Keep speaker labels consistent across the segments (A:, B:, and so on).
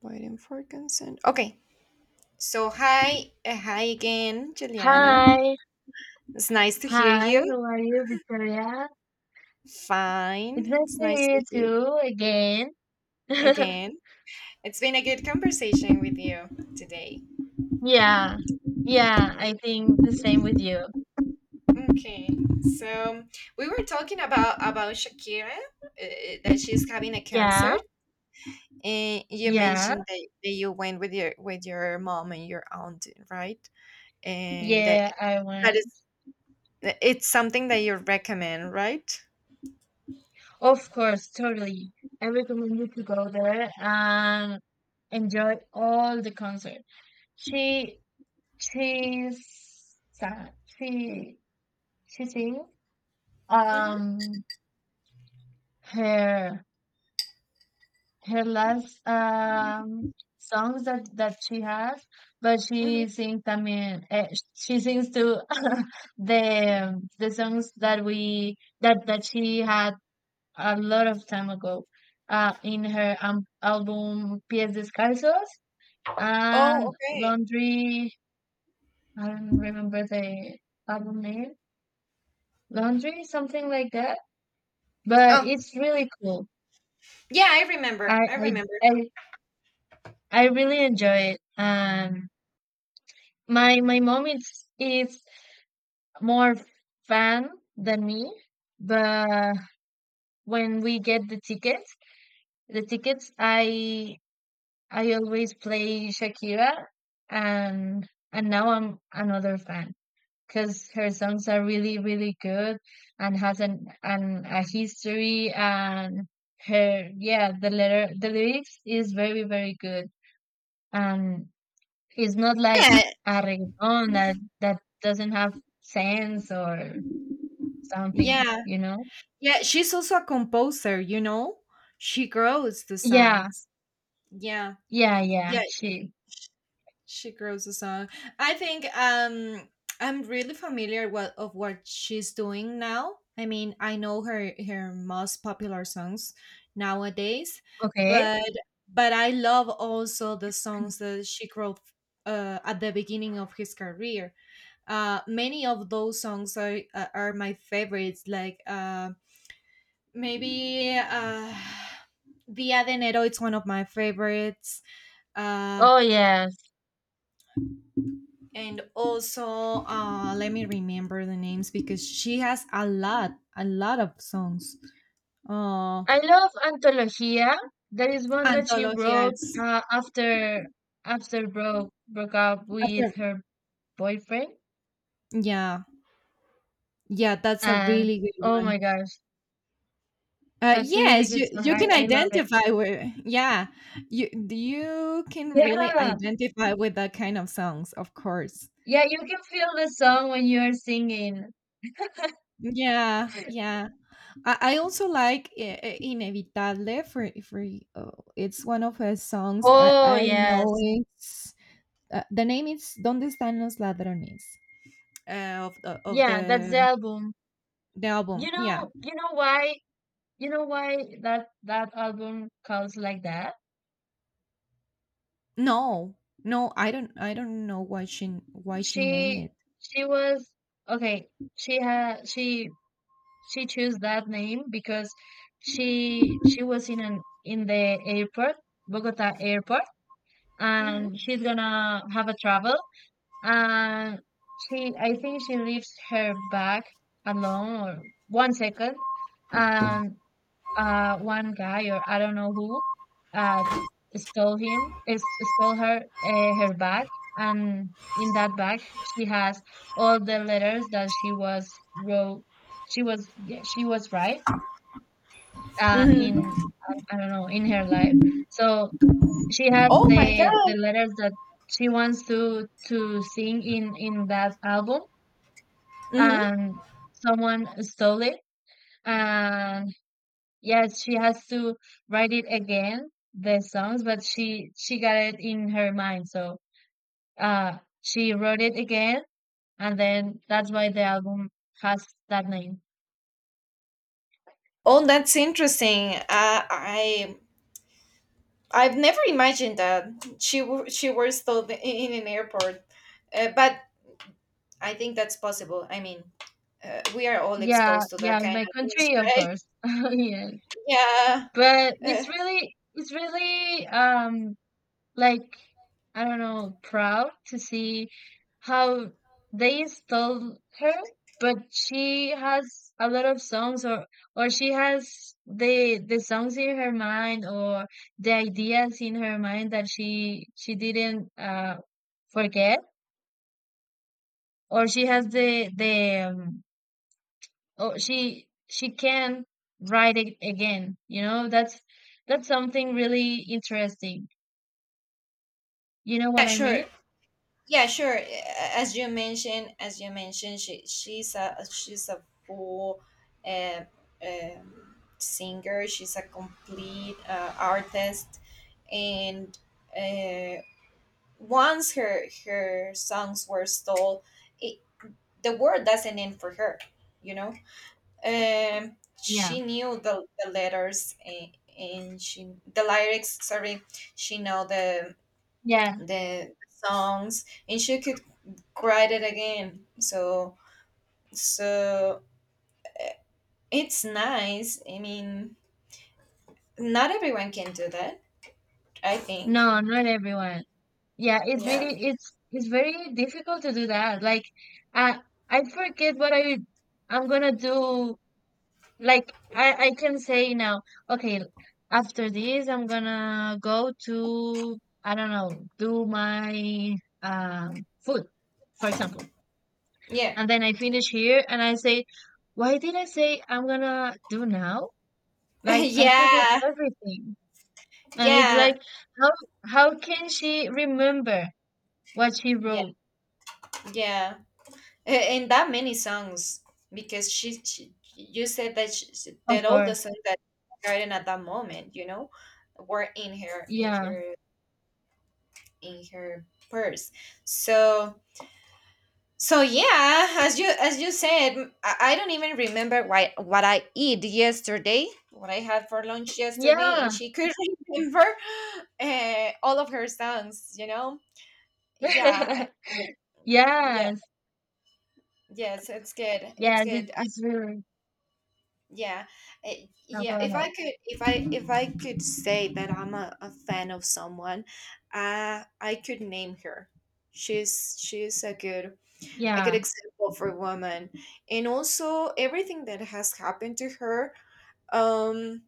A: Waiting for consent. Okay. So hi, hi again, Juliana.
B: Hi,
A: It's nice to hear
B: hi,
A: you.
B: how are you, Victoria?
A: Fine.
B: It's nice
A: It's
B: to
A: nice
B: hear
A: to hear you
B: you too again.
A: again. It's been a good conversation with you today.
B: Yeah, yeah,
A: Yeah.
B: I think the same with you.
A: Okay. So we were talking about Shakira, uh, that she's having a
B: Yeah,
A: concert, and you
B: yeah,
A: mentioned that you went with your mom and your aunt, right? And that
B: yeah, I
A: that
B: went.
A: is it's something that you recommend, right?
B: Of course, totally. I recommend you to go there and enjoy all the concert. She, she's, sa- she, she sings, um, her her last songs that she has, but
A: Mm-hmm.
B: she sings. I mean, she sings to the songs that we that that she had a lot of time ago, in her album Pies Descalzos
A: Oh,
B: and
A: okay.
B: Laundry. I don't remember the album name. Laundry, something like that. But
A: Oh,
B: it's really cool.
A: yeah, I remember.
B: I
A: I
B: I
A: remember.
B: I, I really enjoy it. My mom is more fan than me, but when we get the tickets, the tickets I I always play Shakira, and now I'm another fan because her songs are really really good and has an a history, and her, yeah, the lyrics is very very good, and it's not like
A: Yeah,
B: a reggaeton that doesn't have sense or something,
A: yeah,
B: you know?
A: yeah. She's also a composer, you know? She grows the
B: Yeah,
A: songs. Yeah,
B: yeah, yeah.
A: yeah,
B: She.
A: she grows the song. I think, I'm really familiar what of what she's doing now. I mean, I know her most popular songs nowadays,
B: Okay.
A: but, I love also the songs that she wrote, at the beginning of his career. Many of those songs are, are my favorites, like, maybe Dia de Enero, it's one of my favorites. uh
B: Oh yes,
A: and also uh let me remember the names, because she has a lot of songs. uh
B: I love Antología. That is one that she
A: Antología,
B: wrote
A: it's
B: after broke up with her boyfriend.
A: yeah, yeah, that's a
B: And
A: really good
B: oh my
A: one.
B: gosh, that's a really
A: Yes,
B: good
A: you
B: song.
A: you
B: I
A: can
B: I love it.
A: identify with, yeah, you can really
B: Yeah,
A: identify with that kind of songs, of course.
B: yeah. You can feel the song when you are singing.
A: Yeah, yeah. I also like, Inevitable. For uh, it's one of her songs. I
B: Oh
A: I know
B: yes,
A: it's, the name is Donde están los ladrones, of the of
B: yeah. That's
A: the
B: the album.
A: the album.
B: You
A: Yeah.
B: know, you know why, you know why that album calls like that?
A: No, no, I don't, know why she, named
B: She
A: it.
B: she was okay, she had she chose that name because she was in an in the airport, Bogota airport, and she's gonna have a travel, and she I think she leaves her bag alone or 1 second, and one guy or I don't know who uh stole him is stole her her bag, and in that bag she has all the letters that she was wrote she was yeah, she was right
A: Hmm.
B: in, I don't know, in her life. So she has
A: Oh my
B: the
A: god.
B: letters that she wants to sing in that album,
A: Hmm.
B: and someone stole it, and yes, she has to write it again, the songs, but she got it in her mind. So she wrote it again, and then that's why the album has that name.
A: Oh, that's interesting. I've never imagined that, she was told in an airport, but I think that's possible. I mean, we are all
B: Yeah,
A: exposed to that
B: yeah, in
A: kind
B: my
A: of things,
B: country, of
A: right?
B: course. Yes.
A: Yeah.
B: But
A: Uh,
B: it's really, like, I don't know, proud to see how they stole her, but she has a lot of songs, or she has the songs in her mind, or the ideas in her mind that she didn't forget, or she has the or she can write it again, you know? That's something really interesting. You know
A: yeah.
B: what I
A: Sure.
B: mean?
A: Yeah. Sure. As you mentioned, she's a full, uh, singer. She's a complete, artist. And. Uh, Once her songs were stole it, the world doesn't end for her, you know. um
B: Yeah.
A: she knew the, letters, and she the lyrics, sorry, she know the
B: Yeah.
A: the songs, and she could write it again. So it's nice, I mean, not everyone can do that, I think.
B: No, not everyone. Yeah, it's
A: Yeah.
B: really, it's very difficult to do that. Like I I forget what I'm gonna do. Like I can say now, okay, after this I'm gonna go to, I don't know, do my food, for example.
A: Yeah.
B: And then I finish here and I say, why did I say I'm gonna do now? Like I forget
A: Yeah,
B: everything. And it's
A: yeah,
B: like, how how can she remember what she
A: yeah,
B: wrote?
A: yeah. A- And that many songs, because she you said that,
B: Of
A: that all the
B: course.
A: songs that she written at that moment, you know, were in her in
B: Yeah.
A: her in her purse. So, yeah, as you said, I don't even remember why what I eat yesterday, what I had for lunch yesterday, and
B: Yeah.
A: she could remember, all of her songs. You know. Yeah. Yeah,
B: Yes.
A: yes, it's good, it's
B: Yes, it,
A: good.
B: it's really.
A: Yeah,
B: No, go
A: yeah. If I
B: ahead.
A: could, if I, if I could say that I'm, a fan of someone, I could name her. She's a good,
B: Yeah.
A: example for a woman, and also everything that has happened to her. Um,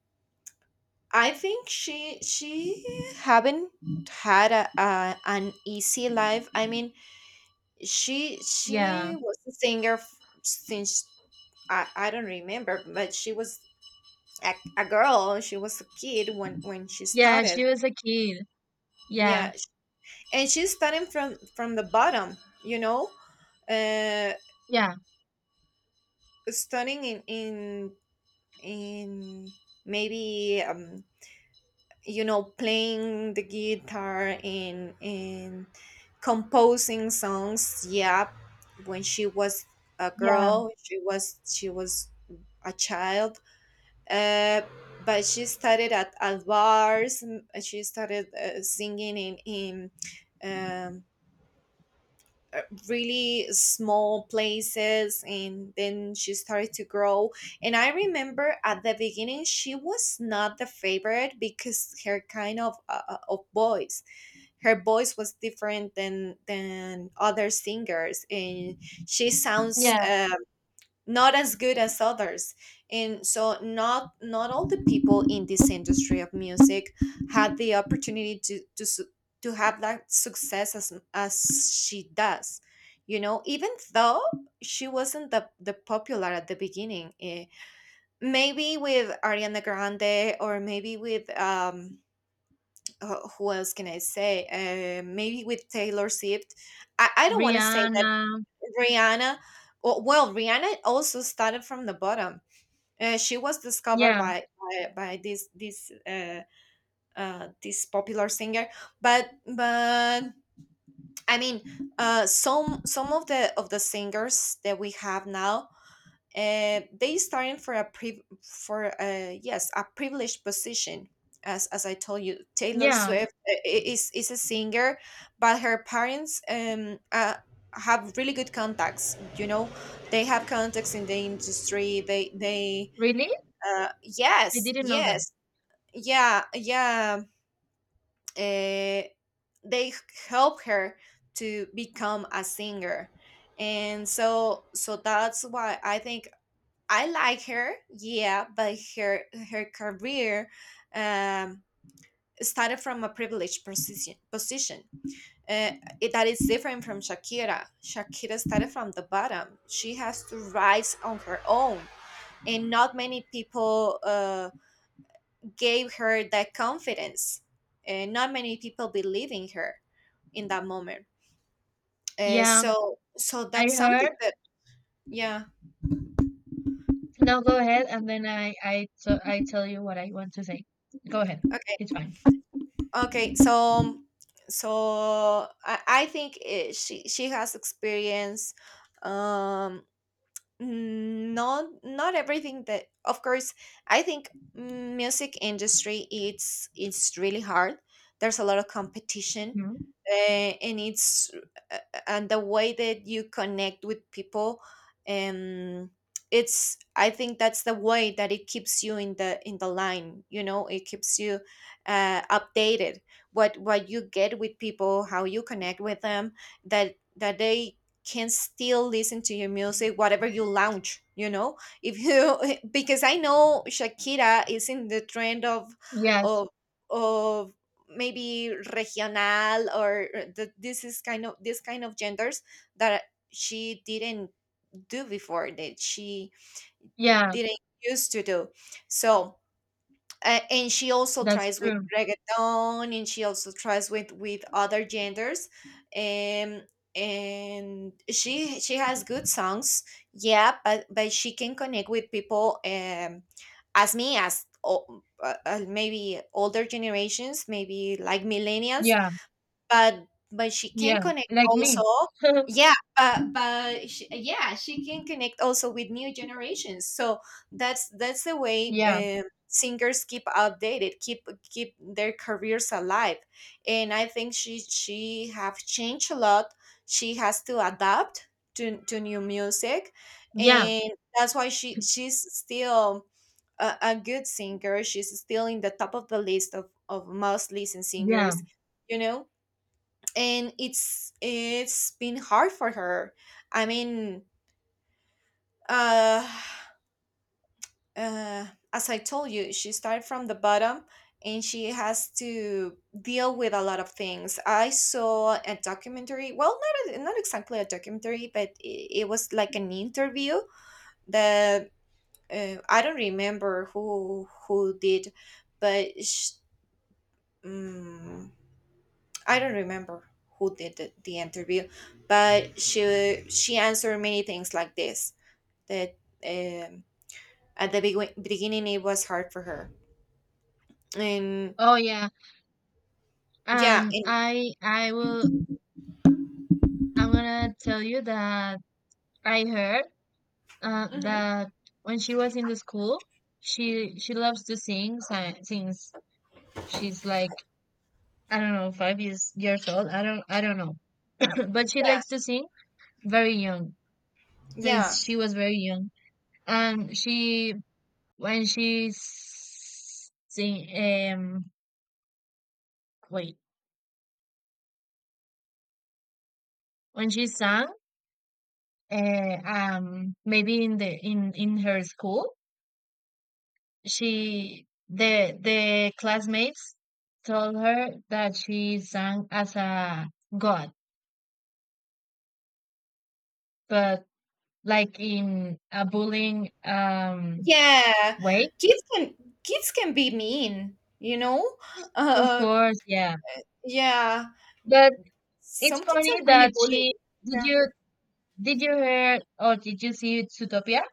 A: I think she haven't had, a an easy life. I mean, she
B: Yeah.
A: she was a singer, since, I don't remember, but she was, a girl, she was a kid when, she
B: Yeah,
A: started.
B: she was a kid. Yeah.
A: Yeah and she's starting from the bottom you know uh
B: Yeah.
A: Starting in, in maybe, playing the guitar, and composing songs, yeah, when she was a
B: Yeah.
A: girl, she was a child. Uh, but she started at bars. She started, singing in um, uh, really small places, and then she started to grow. And I remember at the beginning she was not the favorite, because her kind of, of voice, her voice was different than other singers, and she sounds,
B: Yeah.
A: Not as good as others. And so, not all the people in this industry of music had the opportunity to to have that success as, she does, you know, even though she wasn't the popular at the beginning. Maybe with Ariana Grande, or maybe with, who else can I say, maybe with Taylor Swift. I don't want to say that.
B: Rihanna.
A: Rihanna. Well, well, Rihanna also started from the bottom. She was discovered
B: Yeah.
A: by this, this popular singer. But, but I mean, some of the singers that we have now, they starting for, yes, a privileged position. As I told you, Taylor
B: Yeah.
A: Swift, is a singer, but her parents, have really good contacts. You know, they have contacts in the industry. They,
B: Really? I
A: yes,
B: didn't know that.
A: yes, yeah, yeah. Uh, they help her to become a singer, and so that's why I think I like her. Yeah, but her career, um, started from a privileged position. Uh, that is different from Shakira. Shakira started from the bottom. She has to rise on her own, and not many people, gave her that confidence. And not many people believe in her in that moment.
B: Yeah.
A: So
B: I
A: that's
B: heard
A: something that. Yeah.
B: No, go ahead, and then I so I tell you what I want to say. Go ahead.
A: Okay.
B: It's fine.
A: Okay. So, I think, she has experience, um mm, not, everything that, of course. I think music industry, it's really hard, there's a lot of competition,
B: Mhm.
A: and it's, uh, and the way that you connect with people, um it's, I think, that's the way that it keeps you in the line, you know, it keeps you, updated, what you get with people, how you connect with them, that they can still listen to your music, whatever you launch. If you, because I know Shakira is in the trend of,
B: Yes.
A: of of maybe regional, or, this is kind of, genders that she didn't do before, that she
B: Yeah,
A: didn't used to do, so, and she also
B: that's
A: tries with
B: true.
A: reggaeton, and she also tries with other genders, um and she has good songs, yeah. But, she can connect with people, as me, as, maybe older generations, maybe like millennials.
B: Yeah.
A: But, she can
B: Yeah.
A: connect
B: Like
A: also,
B: me.
A: yeah. But, yeah, she can connect also with new generations. So that's the way,
B: Yeah.
A: singers keep updated, keep their careers alive. And I think she have changed a lot. She has to adapt to new music,
B: Yeah.
A: and that's why she's still, a good singer. She's still in the top of the list of most listened
B: Yeah.
A: singers, you know. And it's been hard for her. I mean, uh, uh as I told you, she started from the bottom, and she has to deal with a lot of things. I saw a documentary, well, not exactly a documentary, but, it was like an interview, that, I don't remember who did, but, mm, I don't remember who did the interview, but she answered many things like this, that, um, at the beginning, it was hard for her, and
B: Oh yeah.
A: yeah,
B: Um
A: and.
B: I I will I'm gonna tell you that I heard,
A: Mhm.
B: that when she was in the school, she loves to sing, since she's like, I don't know, 5 years old. I don't know, but she
A: Yeah,
B: likes to sing very young, since
A: yeah,
B: she was very young. And she, when she s- sing wait when she sang, maybe in the in her school. She the classmates told her that she sang as a god, but like in a bullying
A: yeah.
B: way.
A: Kids can Kids can be mean, you know.
B: Of
A: Uh,
B: course, yeah.
A: yeah,
B: But it's
A: some kids are
B: funny
A: really
B: that
A: bullied.
B: she did
A: Yeah.
B: you did you hear, or did you see Zootopia?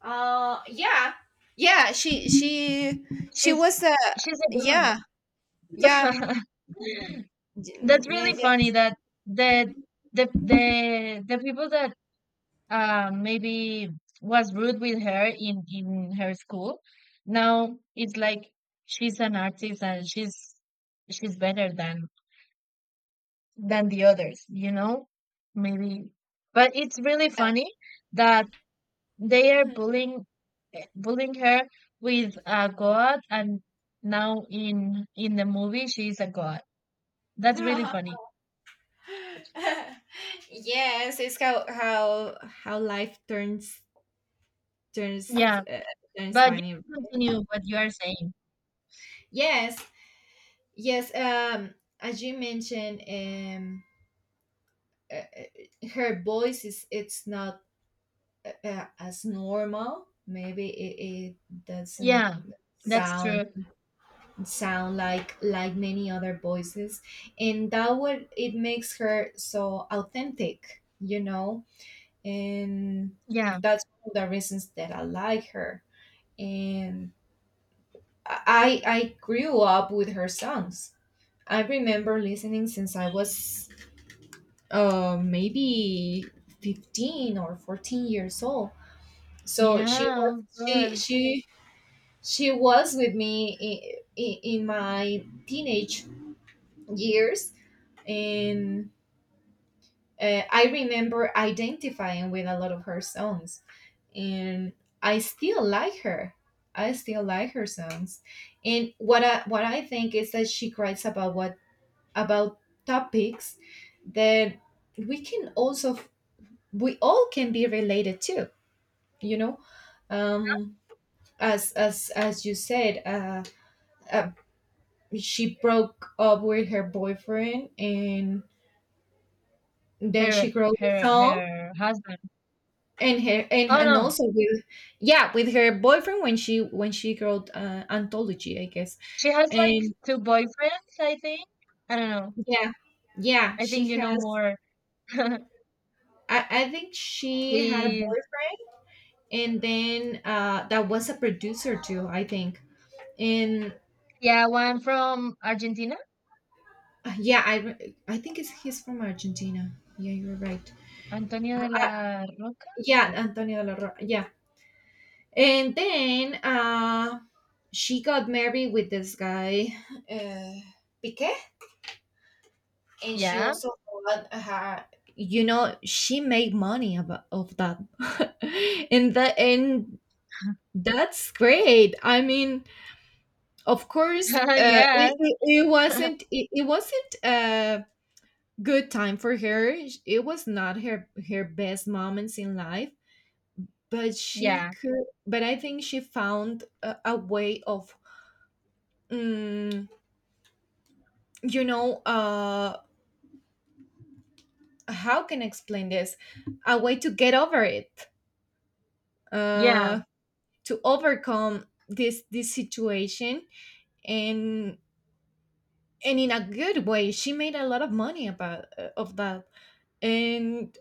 A: Yeah, yeah. She
B: She's
A: was,
B: she's a girl.
A: yeah, yeah,
B: That's
A: yeah,
B: really
A: yeah,
B: funny that the the people that, maybe, was rude with her in her school. Now it's like she's an artist, and she's better than the others, you know? Maybe, but it's really funny that they are
A: yeah.
B: bullying, her with a god, and now in the movie she's a god. That's really funny.
A: Yes, it's how, how life turns, turns
B: Yeah,
A: uh, turns
B: but you
A: funny.
B: can continue what you are saying.
A: Yes, yes. As you mentioned, her voice is, it's not, as normal. Maybe, it doesn't
B: Yeah, that's
A: sound
B: true.
A: sound like many other voices, and that, what it makes her so authentic. You know, and
B: Yeah.
A: that's one of the reasons that I like her. And I grew up with her songs. I remember listening since I was, maybe 15 or 14 years old. So she was
B: Yeah, of
A: she
B: course.
A: she she was with me in my teenage years, and, I remember identifying with a lot of her songs, and I still like her. I still like her songs, and what I think is that she writes about what, about topics that we can also, we all can be related to. You know, um, as you said, uh, she broke up with her boyfriend, and then
B: Her
A: she wrote a
B: her
A: song,
B: her husband.
A: and her, and,
B: Oh
A: and
B: no.
A: also with, yeah, with her boyfriend when she wrote anthology, I guess.
B: She has like
A: And
B: two boyfriends, I think. I don't know.
A: yeah, yeah,
B: I
A: she
B: think you know
A: has.
B: more.
A: I think she had a
B: We
A: boyfriend, and then that was a producer too, I think. And
B: yeah, one from Argentina,
A: yeah, I think it's he's from Argentina. Yeah, you're right.
B: Antonio de
A: uh,
B: la Roca.
A: yeah, Antonio de la yeah. And then she got married with this guy, uh Piquet. And she
B: Yeah.
A: also bought her, you know, she made money of that. And that's great, I mean. Of course,
B: Yes.
A: it wasn't a good time for her. It was not her best moments in life. but she
B: Yeah.
A: could but I think she found a way of, mm, you know uh how can I explain this, a way to get over it.
B: Yeah.
A: uh to overcome this situation. And and in a good way, she made a lot of money about, of that. And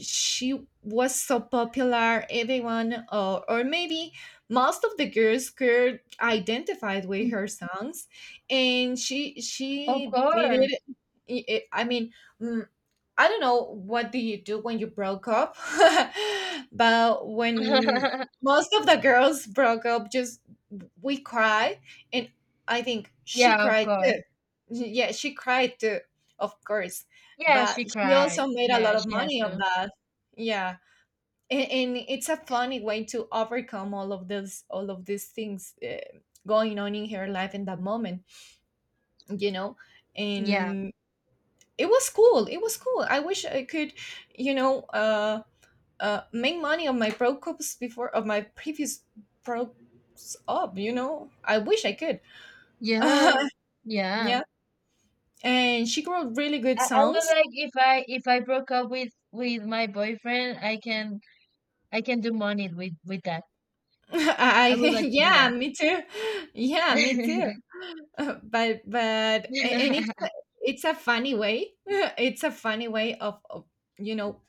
A: she was so popular. Everyone, or maybe most of the girls could identified with
B: Mm,
A: her songs. And she
B: of
A: she did it.
B: course.
A: I mean, mm, I don't know what do you do when you broke up. But when most of the girls broke up, just, we cry. And I think she
B: Yeah, of
A: cried
B: course.
A: too. Yeah, she cried too, of course.
B: Yeah,
A: But
B: she
A: she
B: cried.
A: also made a
B: Yeah,
A: lot of
B: she has
A: money of
B: to.
A: that. Yeah. And it's a funny way to overcome all of those, all of these things, going on in her life in that moment, you know.
B: Yeah.
A: And it was cool. It was cool. I wish I could, you know, uh, make money on my pro cups before of my previous pro up. I wish I could.
B: Yeah. Yeah.
A: Yeah. And she wrote really good
B: I would
A: songs.
B: like, if I broke up with my boyfriend, I can do money with that. I
A: I,
B: would like to do
A: yeah,
B: that.
A: me too. Yeah, me too. And it's it's a funny way. It's a funny way of, you know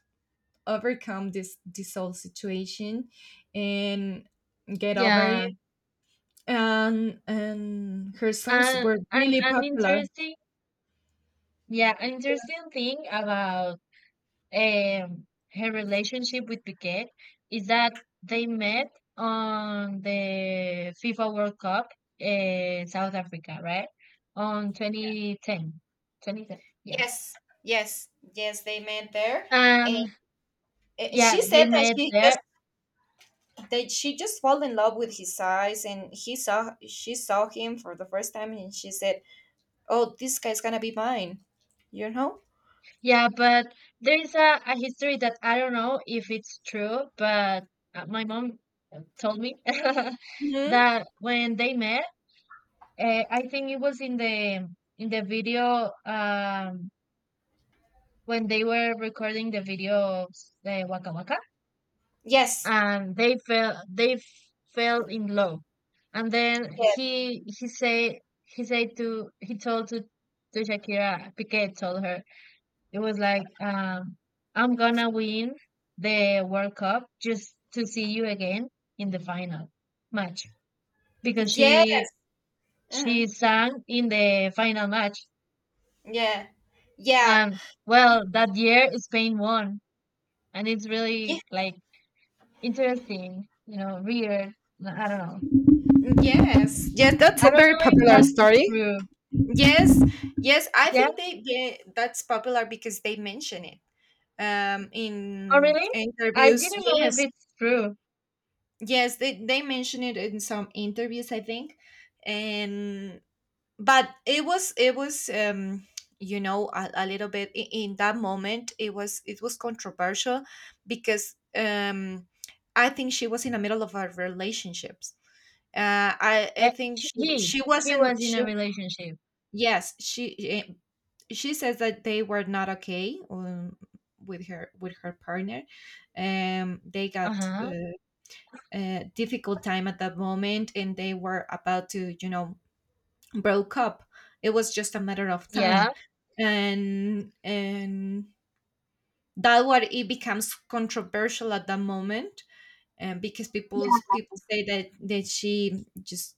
A: overcome this whole situation and get over
B: Yeah.
A: it. And her songs
B: And
A: were
B: an
A: really
B: an
A: popular.
B: interesting yeah, an interesting thing about um her relationship with Piqué is that they met on the FIFA World Cup in South Africa, right? On 2010. 2010. Yeah.
A: Yes, yes, yes, they met there, and
B: And
A: and she
B: yeah, they
A: said that
B: met
A: she just,
B: there.
A: fell in love with his eyes, and he saw she saw him for the first time, and she said, oh, this guy's gonna be mine. You know?
B: Yeah, but there is a history that I don't know if it's true, but my mom told me
A: Hmm.
B: that when they met, I think it was in the video, when they were recording the video of the Waka Waka,
A: Yes.
B: and they fell in love, and then
A: Yes.
B: he say he said to he told to Shakira Piqué told her. It was like, "I'm gonna win the World Cup just to see you again in the final match," because
A: Yeah.
B: she
A: Uh-huh.
B: she sang in the final match.
A: Yeah. Yeah.
B: And well, that year Spain won, and it's
A: Yeah.
B: really, like, interesting, weird. I don't know.
A: Yes. Yes. That's
B: I
A: a
B: don't
A: very
B: know if
A: popular
B: that is
A: story.
B: true.
A: Yes. Yes. I
B: Yeah.
A: think they. Yeah. That's popular because they mention it.
B: Oh,
A: In
B: really? I
A: interviews.
B: didn't know if
A: Yes.
B: it's true.
A: Yes. They mention it in some interviews, I think. And but it was a little bit in that moment it was controversial. Because I think she was in the middle of her relationships. I
B: Uh,
A: think
B: he
A: she
B: he was
A: wasn't
B: in
A: she,
B: a relationship.
A: yes, she, she says that they were not okay, with her, with her partner. They
B: Uh
A: got,
B: huh.
A: a difficult time at that moment, and they were about to, broke up. It was just a matter of
B: Yeah.
A: time, and that what it becomes controversial at that moment. And because people say that she just,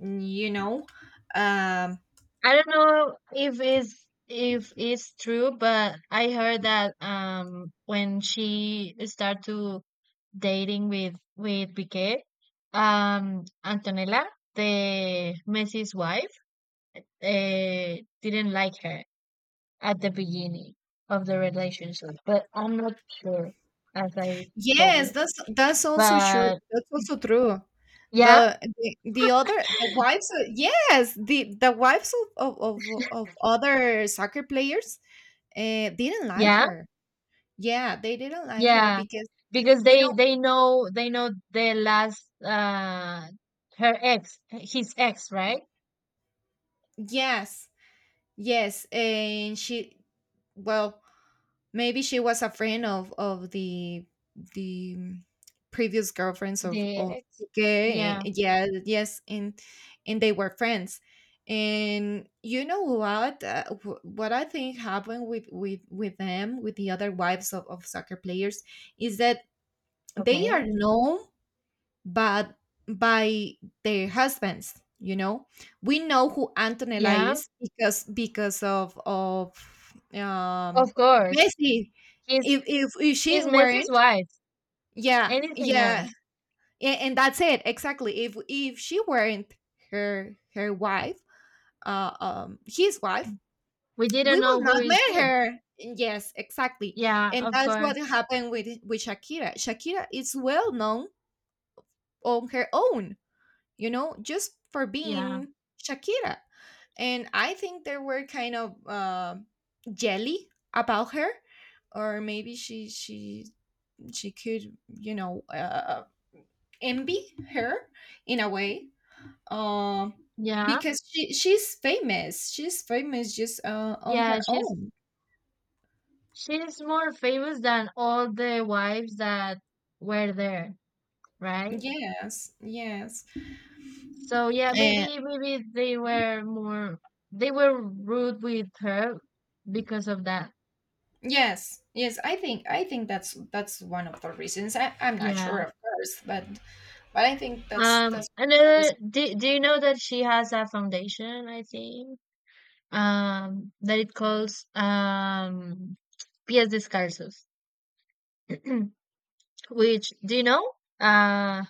A: you know, um,
B: I don't know if it's true, but I heard that, when she started to dating with Piqué, Antonella, the Messi's wife, didn't like her at the beginning of the relationship. But I'm not sure, as I told you.
A: yes, that's also sure.
B: But
A: That's also true.
B: yeah,
A: The, the other, the wives, yes, the wives of other soccer players, didn't like
B: yeah.
A: her. Yeah, they didn't like her
B: Yeah,
A: because,
B: because
A: you know.
B: the last, her ex his ex, right?
A: Yes, yes, and she, well, maybe she was a friend of the, the mm, previous girlfriends of
B: The
A: of
B: ex.
A: Piqué.
B: Yeah.
A: Yeah, yes, and they were friends. And you know what? What I think happened with them, with the other wives of soccer players, is that they are
B: Okay.
A: known, but by their husbands. We know who Antonella
B: Yeah.
A: is because of
B: Of course.
A: Messi.
B: He's
A: If she
B: he's Messi's
A: weren't,
B: wife.
A: yeah,
B: Anything
A: yeah,
B: else?
A: and that's it exactly. If she weren't her wife, his wife,
B: We didn't
A: we will
B: know
A: not
B: who is
A: marry
B: she.
A: her. Yes, exactly.
B: Yeah,
A: And
B: of
A: that's what
B: course.
A: happened with Shakira. Shakira is well known on her own, just for
B: Yeah.
A: being Shakira. And I think they were kind of, jelly about her, or maybe she could, envy her in a way, um,
B: Yeah.
A: because she's famous. She's famous just, on
B: Yeah,
A: her
B: she's
A: own.
B: she's more famous than all the wives that were there, right?
A: Yes, yes,
B: So yeah,
A: and
B: maybe they were rude with her because of that.
A: yes, yes. I think that's one of the reasons. I'm not sure,
B: Yeah.
A: of course, but I think that's that's
B: And
A: the.
B: do you know that she has a foundation, I think? That it calls, Pies Descalzos. Which, do you know? Um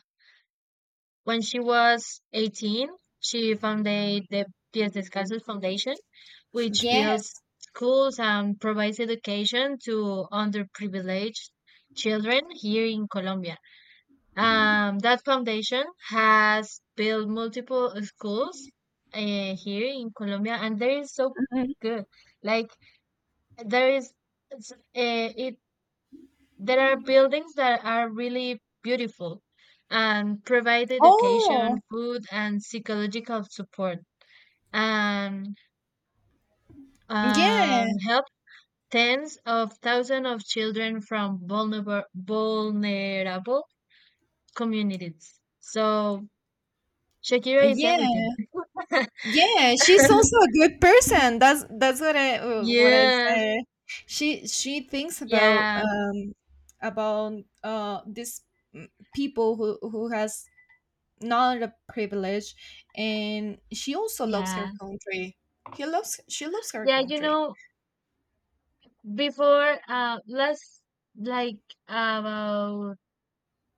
B: When she was 18, she founded the Pies Descalzos Foundation, which
A: Yes.
B: builds schools and provides education to underprivileged children here in Colombia. That foundation has built multiple schools, here in Colombia, and there is so good. Like, there is, it's, it there are buildings that are really beautiful and provide education,
A: Oh,
B: food, and psychological support, and
A: yeah.
B: help tens of thousands of children from vulnerable communities. So Shakira is
A: Yeah.
B: everything.
A: Yeah, she's also a good person. That's what I, what I
B: Yeah,
A: say. She thinks about,
B: yeah,
A: about this, mm, people who has not a privilege. And she also loves
B: yeah,
A: her country. He loves She loves her
B: yeah. You
A: country.
B: know, before, last, like, about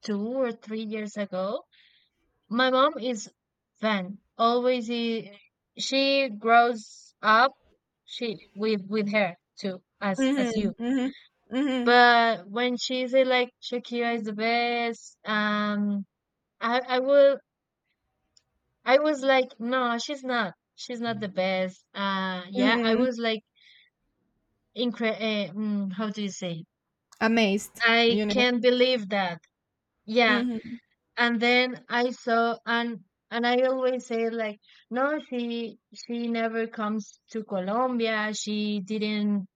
B: 2 or 3 years ago, my mom is fan. Always she grows up, she with her too, as you.
A: Mhm. Mhm. Mhm.
B: But when she say, like, Shakira is the best. I I will I was like, no, she's not the best. Yeah, I
A: Mhm.
B: was like, how do you say?
A: Amazed,
B: I
A: you know.
B: can't believe that. Yeah,
A: Mhm.
B: and then I saw, and I always say, like, no, she never comes to Colombia, she didn't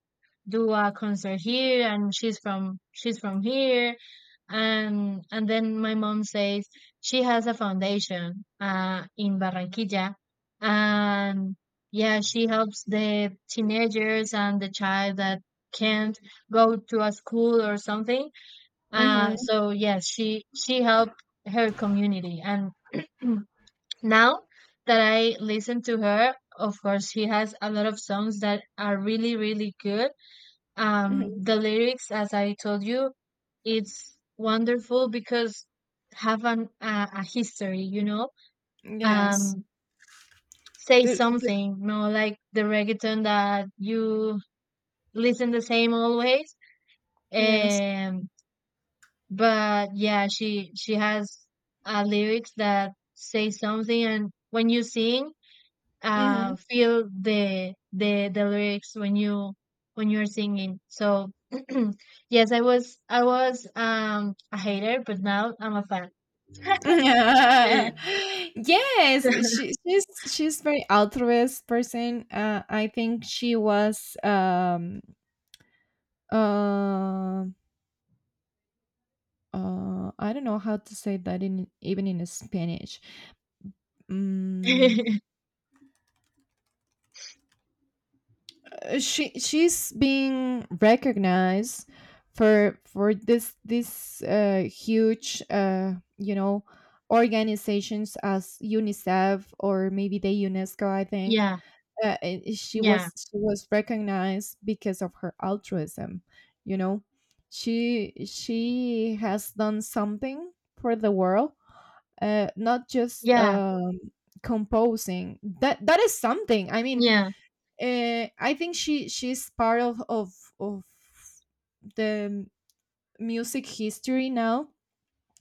B: do a concert here, and she's from here, and then my mom says she has a foundation, in Barranquilla, and yeah, she helps the teenagers and the child that can't go to a school or something,
A: Mhm.
B: so yes, she helped her community, and now that I listen to her, of course, she has a lot of songs that are really really good.
A: Mhm.
B: The lyrics, as I told you, it's wonderful because have an a history, you know.
A: Yes.
B: Um, say
A: The, the,
B: something, no, like the reggaeton that you listen the same always.
A: yes.
B: Um, But yeah, she has lyrics that say something, and when you sing,
A: Mhm.
B: feel the lyrics when you're singing. So yes, I was a hater, but now I'm a fan.
A: Yes, she's very altruist person. I think she was, uh, I don't know how to say that in, even in Spanish. Mm, she's being recognized for this, huge, organizations as UNICEF or maybe the UNESCO, I think.
B: Yeah,
A: And she
B: yeah,
A: was she was recognized because of her altruism you know she has done something for the world, not just,
B: yeah,
A: composing, that is something, I mean.
B: yeah,
A: I think she's part of the music history now.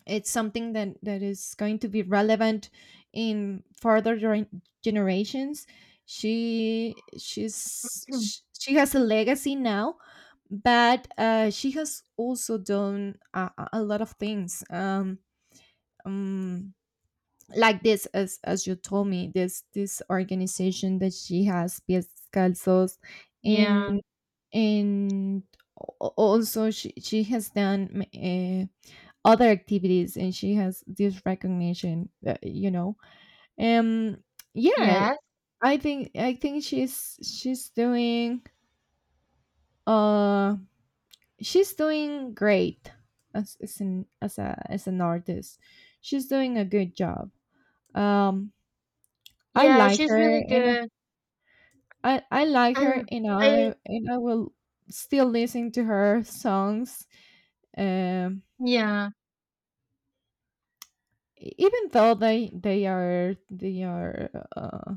A: It's something that is going to be relevant in further generations. she she's sh- she has a legacy now. But she has also done a lot of things, um, like this, as you told me, this organization that she has, Pies Calzos.
B: yeah,
A: And and al- also, she has done, other activities, and she has this recognition, um yeah.
B: yes,
A: I think she's doing, uh she's doing great as an as a as an artist. She's doing a good job, um I
B: yeah.
A: like
B: She's
A: her,
B: really
A: and
B: good,
A: I like her,
B: and
A: and
B: I
A: i and i will still listen to her songs, um
B: yeah,
A: even though uh,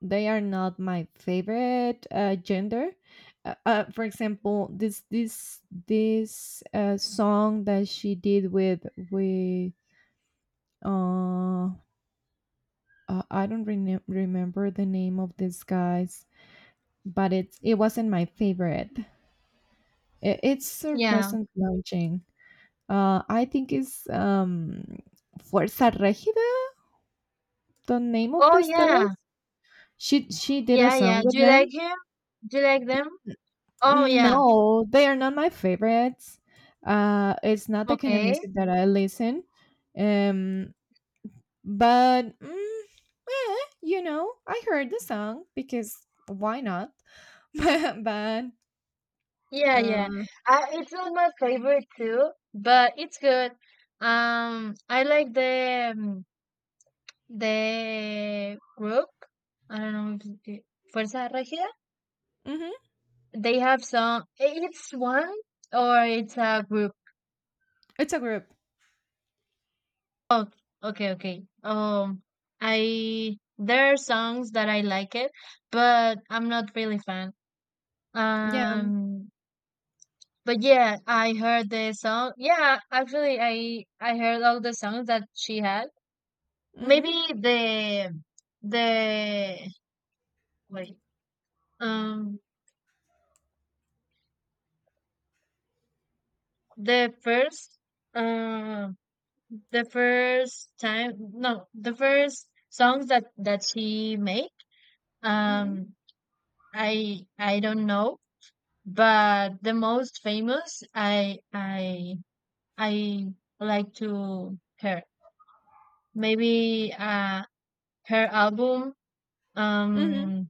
A: they are not my favorite, gender. For example, this song that she did with, with uh, I don't rene remember the name of these guys, but it wasn't my favorite. It's a
B: yeah.
A: recent launching. I think it's, Fuerza Regida, the name of
B: Oh
A: these
B: yeah.
A: guys. She did a
B: Yeah, yeah.
A: song with
B: Do you
A: them.
B: like him? Do you like them? Oh, yeah.
A: No, they are not my favorites. It's not the kind of
B: Okay.
A: music that I listen. Um, but, eh, you know, I heard the song because why not? But,
B: Yeah, yeah.
A: uh,
B: I, it's not my favorite too, but it's good. I like the the group. I don't know if it, Fuerza Regida.
A: mhm,
B: They have some. It's one or it's a group.
A: it's a group.
B: Okay, okay. I there are songs that I like it, but I'm not really fan.
A: Yeah.
B: Um, But yeah, I heard the song. Yeah, actually, I heard all the songs that she had.
A: Mm-hmm,
B: Maybe the the wait um the first um the first songs that she made
A: mm-hmm,
B: um I don't know but the most famous I like to her maybe her album
A: mm-hmm,
B: Um,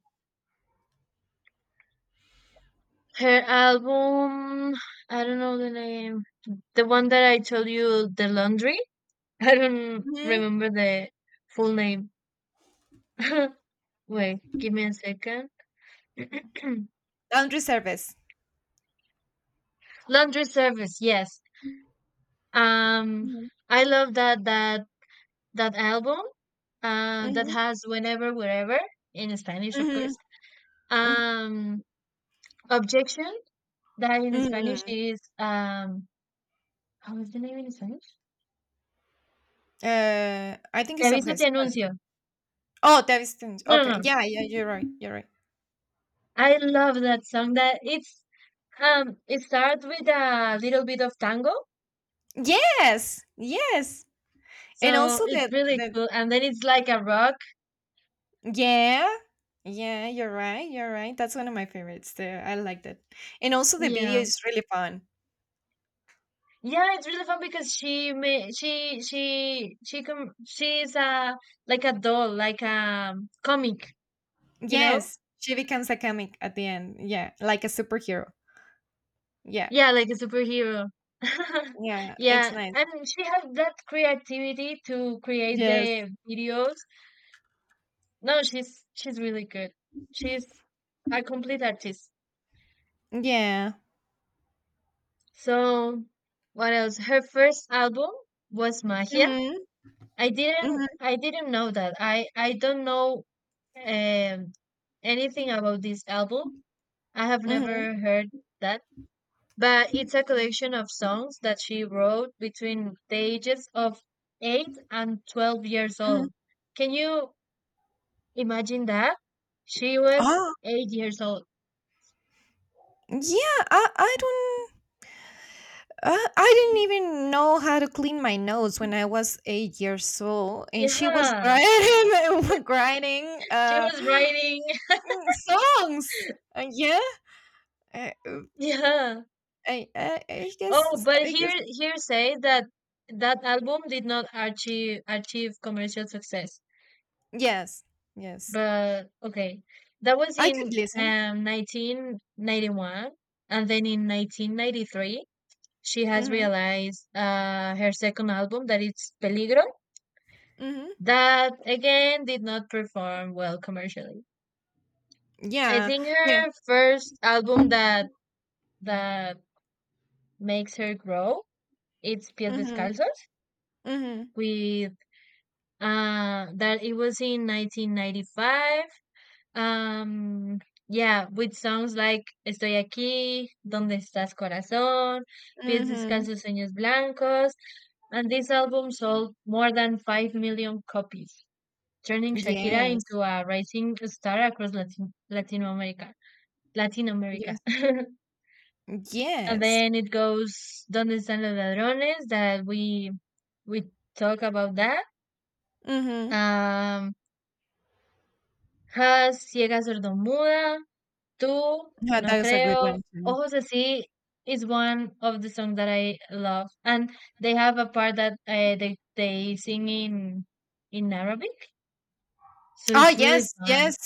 B: her album, I don't know the name. The one that I told you, The Laundry. I don't
A: mm-hmm.
B: remember the full name. Wait, give me a second.
A: Laundry service.
B: Laundry Service, yes. Um,
A: Mm-hmm,
B: I love that album. That
A: mm-hmm,
B: has whenever, wherever in Spanish, of
A: mm-hmm,
B: course.
A: mm-hmm.
B: Um, objection that in Spanish
A: Mm-hmm.
B: is how is the name in Spanish?
A: I think
B: Te
A: it's
B: aviso, te
A: obsession.
B: anuncio.
A: Oh, that is
B: No,
A: okay.
B: no, no.
A: Yeah, yeah, you're right. You're right.
B: I love that song. That it's it starts with a little bit of tango,
A: Yes, yes. And
B: so
A: also
B: it's
A: the,
B: really cool. And then it's like a rock.
A: yeah, yeah, you're right, you're right. That's one of my favorites too. I like that. And also the video
B: Yeah,
A: is really fun.
B: yeah, it's really fun because she may she com she is a like a doll, like a comic, you know?
A: Yes, she becomes a comic at the end. Yeah, like a superhero. Yeah,
B: Yeah, like a superhero.
A: yeah, it's
B: Yeah,
A: nice.
B: and she has that creativity to create
A: Yes,
B: the videos. No, she's really good. She's a complete artist.
A: yeah.
B: So what else? Her first album was Magia.
A: Mhm,
B: I
A: mhm,
B: didn't I didn't know that. I don't know um anything about this album. I have
A: mhm,
B: never heard that. But it's a collection of songs that she wrote between the ages of 8 and 12 years
A: mhm.
B: old. Can you imagine that? She was
A: Oh,
B: 8 years old.
A: yeah. I don't. Uh, I didn't even know how to clean my nose when I was 8 years old, and she was
B: Yeah,
A: grinding, grinding.
B: she was writing.
A: Songs. Yeah. I, uh,
B: Yeah.
A: I
B: Oh,
A: guess.
B: but
A: I guess.
B: here here say that that album did not achieve commercial success.
A: Yes. Yes.
B: But okay, that was
A: I
B: in
A: could listen.
B: 1991, and then in 1993 she has
A: Mhm.
B: realized her second album that it's Peligro
A: Mhm.
B: that again did not perform well commercially. I
A: Yeah.
B: think
A: Yeah.
B: her first album that that makes her grow it's Pies
A: Mhm.
B: Descalzos
A: Mhm.
B: with that it was in 1995 um yeah with songs like Estoy aquí, Donde estás corazón, Pies
A: Mhm.
B: descalzos, sueños blancos, and this album sold more than 5 million copies, turning Shakira
A: Yes.
B: into a rising star across Latin America. Latin America.
A: Yes.
B: and
A: Yes.
B: then it goes Donde están los ladrones that we talk about that.
A: Mhm.
B: Um Has, ciega, sordomuda, tú,
A: Yeah,
B: no
A: that is a good
B: creo,
A: one too.
B: ojos así is one of the songs that I love, and they have a part that they sing in Arabic, so
A: Oh
B: it's really
A: yes.
B: fun.
A: Yes.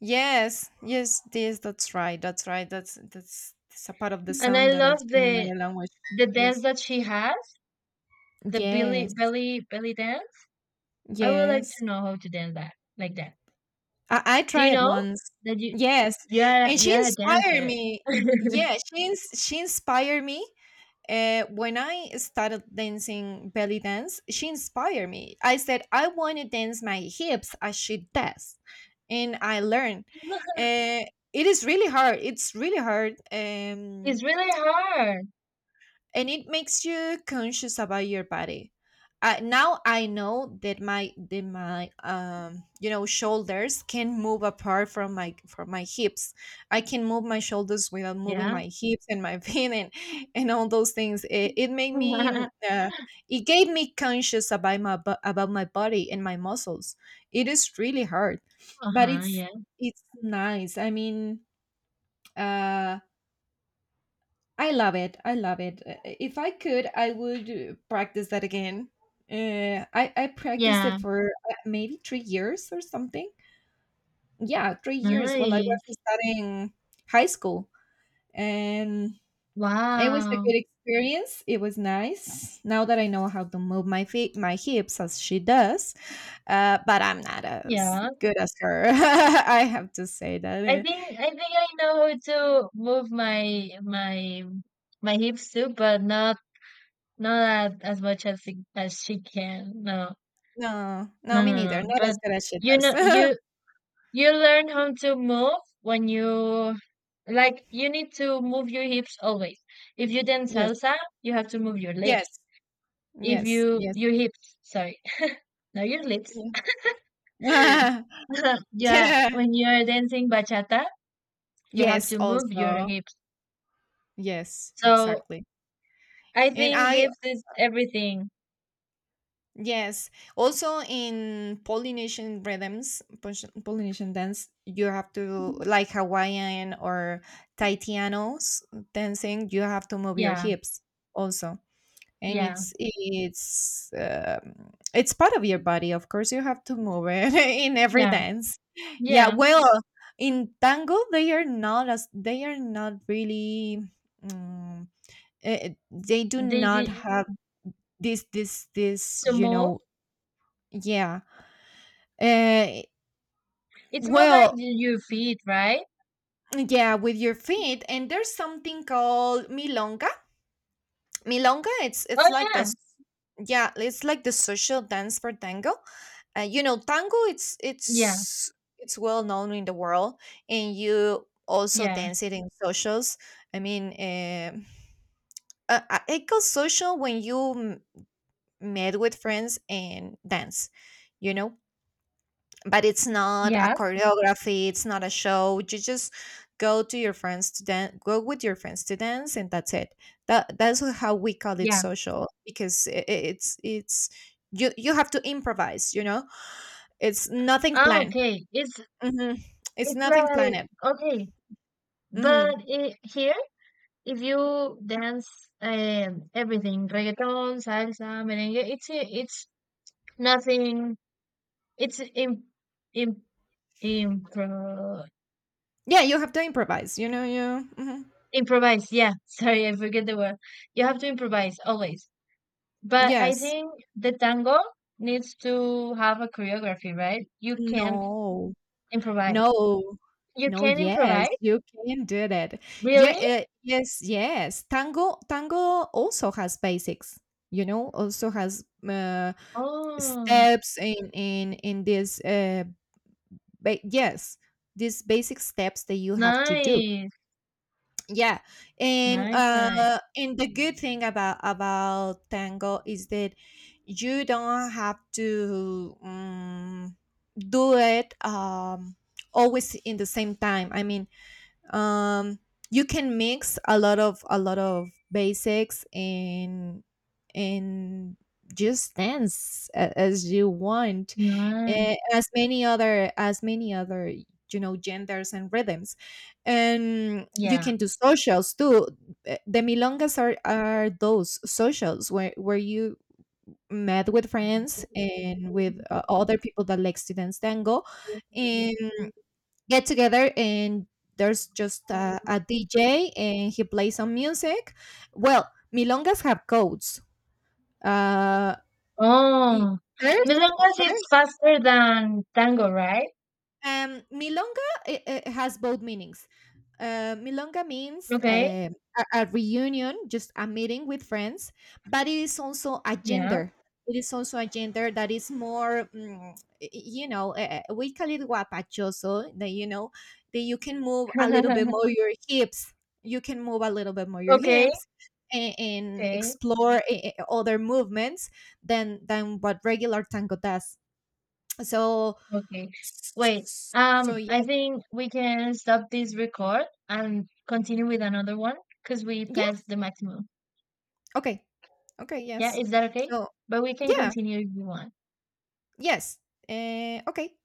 A: Yes. Yes. This. That's right. That's right. That's a part of the
B: And I
A: song that is
B: love
A: in another language.
B: the dance
A: Yes.
B: that she has, the belly
A: Yes.
B: belly belly dance. I would like
A: Yes.
B: to know how to dance that like that.
A: I
B: Do you
A: tried
B: know
A: once.
B: that you
A: Yes, and she
B: you're a
A: inspired
B: dancer?
A: me. Yeah, she inspired me. When I started dancing belly dance, she inspired me. I said, I want to dance my hips as she does, and I learned. Uh, it is really hard. It's really hard.
B: It's really hard.
A: And it makes you conscious about your body. Now I know that my that my shoulders can move apart from my hips. I can move my shoulders without moving
B: Yeah.
A: my hips and my feet, and all those things. It gave me conscious about about my body and my muscles. It is really hard, but
B: Uh-huh,
A: it's
B: yeah.
A: it's nice. I mean, uh I love it. I love it. If I could, I would, practice that again. I practiced
B: Yeah,
A: it for, maybe 3 years or something. Yeah, 3 years while I
B: nice.
A: was studying high school. And it was a
B: Wow.
A: good experience. It was nice. Now that I know how to move my feet, my hips as she does, but I'm not as
B: Yeah.
A: good as her. I have to say
B: I
A: that.
B: think I think I know how to move my hips too, but not not at, as much as she can. No.
A: No, no,
B: No,
A: me
B: no,
A: neither.
B: no.
A: Not
B: But
A: as good as she
B: you
A: does.
B: know you learn how to move when you like you need to move your hips always. If you dance
A: Yes,
B: salsa, you have to move your lips.
A: yes,
B: If
A: yes,
B: you
A: yes.
B: your hips, sorry, not your lips.
A: Yeah.
B: Yeah,
A: Yeah.
B: when you're dancing bachata, you have
A: Yes,
B: to move your
A: also.
B: hips.
A: Yes,
B: So
A: exactly.
B: I
A: And
B: think
A: I,
B: hips is everything.
A: yes, also in Polynesian rhythms, Polynesian dance, you have to, like Hawaiian or Taitianos dancing, you have to move your
B: Yeah,
A: hips also. And
B: yeah,
A: it's part of your body. Of course you have to move it in every
B: yeah,
A: dance. Yeah,
B: yeah.
A: well, in tango they are not, as they are not really, um, they do
B: They
A: not
B: did
A: have this this this
B: to move.
A: yeah. uh,
B: It's more like
A: well,
B: your feet, right?
A: yeah, with your feet. And there's something called milonga. Milonga, it's
B: Oh
A: it's like
B: yeah,
A: yeah, it's like the social dance for tango. You know, tango
B: yeah,
A: it's well known in the world, and you also
B: yeah,
A: dance it in socials. I mean, it goes social when you meet with friends and dance. You know, but it's not a
B: yeah,
A: choreography, it's not a show. You just go with your friends to dance. And that's it. That's how we call it
B: yeah.
A: social because it's you have to improvise, you know. It's nothing
B: Ah,
A: planned.
B: okay.
A: Hmm. It's
B: It's
A: nothing
B: like
A: planned.
B: okay,
A: Hmm.
B: but I here if you dance everything reggaeton, salsa, merengue, it's nothing. It's im im impro
A: Yeah, you have to improvise, you know. You Mhm.
B: Improvise, yeah. Sorry, I forget the word. You have to improvise always. But I
A: Yes.
B: think the tango needs to have a choreography, right? You can't
A: No.
B: improvise.
A: No.
B: You
A: No,
B: can
A: yes,
B: improvise?
A: you can do that. Yeah,
B: Really?
A: yes, yes. Tango also has basics, you know, also has,
B: Oh,
A: steps, in this, ba yes, these basic steps that you have to do.
B: nice.
A: Yeah, and,
B: Nice, nice.
A: the good thing about tango is that you don't have to, do it, always in the same time. I mean, um you can mix a lot of basics, and just dance, as you want.
B: Nice.
A: As many other, genders and rhythms. And you
B: Yeah.
A: can do socials too. The milongas are those socials where you met with friends and with, other people that likes to dance tango, get together, and there's just DJ and he plays some music. Well, milongas have codes. Uh, y-
B: Oh,
A: First,
B: milongas is faster than tango, right?
A: Milonga, it has both meanings. Milonga means,
B: Okay.
A: a reunion, just a meeting with friends. But it is also a
B: Yeah.
A: gender. It is also a gender that is more, you know, we call it guapachoso, that, that you can move a little bit more your hips. You can move a little bit more your
B: Okay.
A: hips, and
B: Okay.
A: explore, other movements than what regular tango does. So,
B: Okay. Wait.
A: so,
B: I
A: yeah.
B: think we can stop this record and continue with another one because we passed
A: Yes.
B: the maximum.
A: Okay. Okay.
B: Yeah,
A: Yes.
B: is that okay?
A: So
B: But we can
A: yeah.
B: continue if you want.
A: Yes. Okay.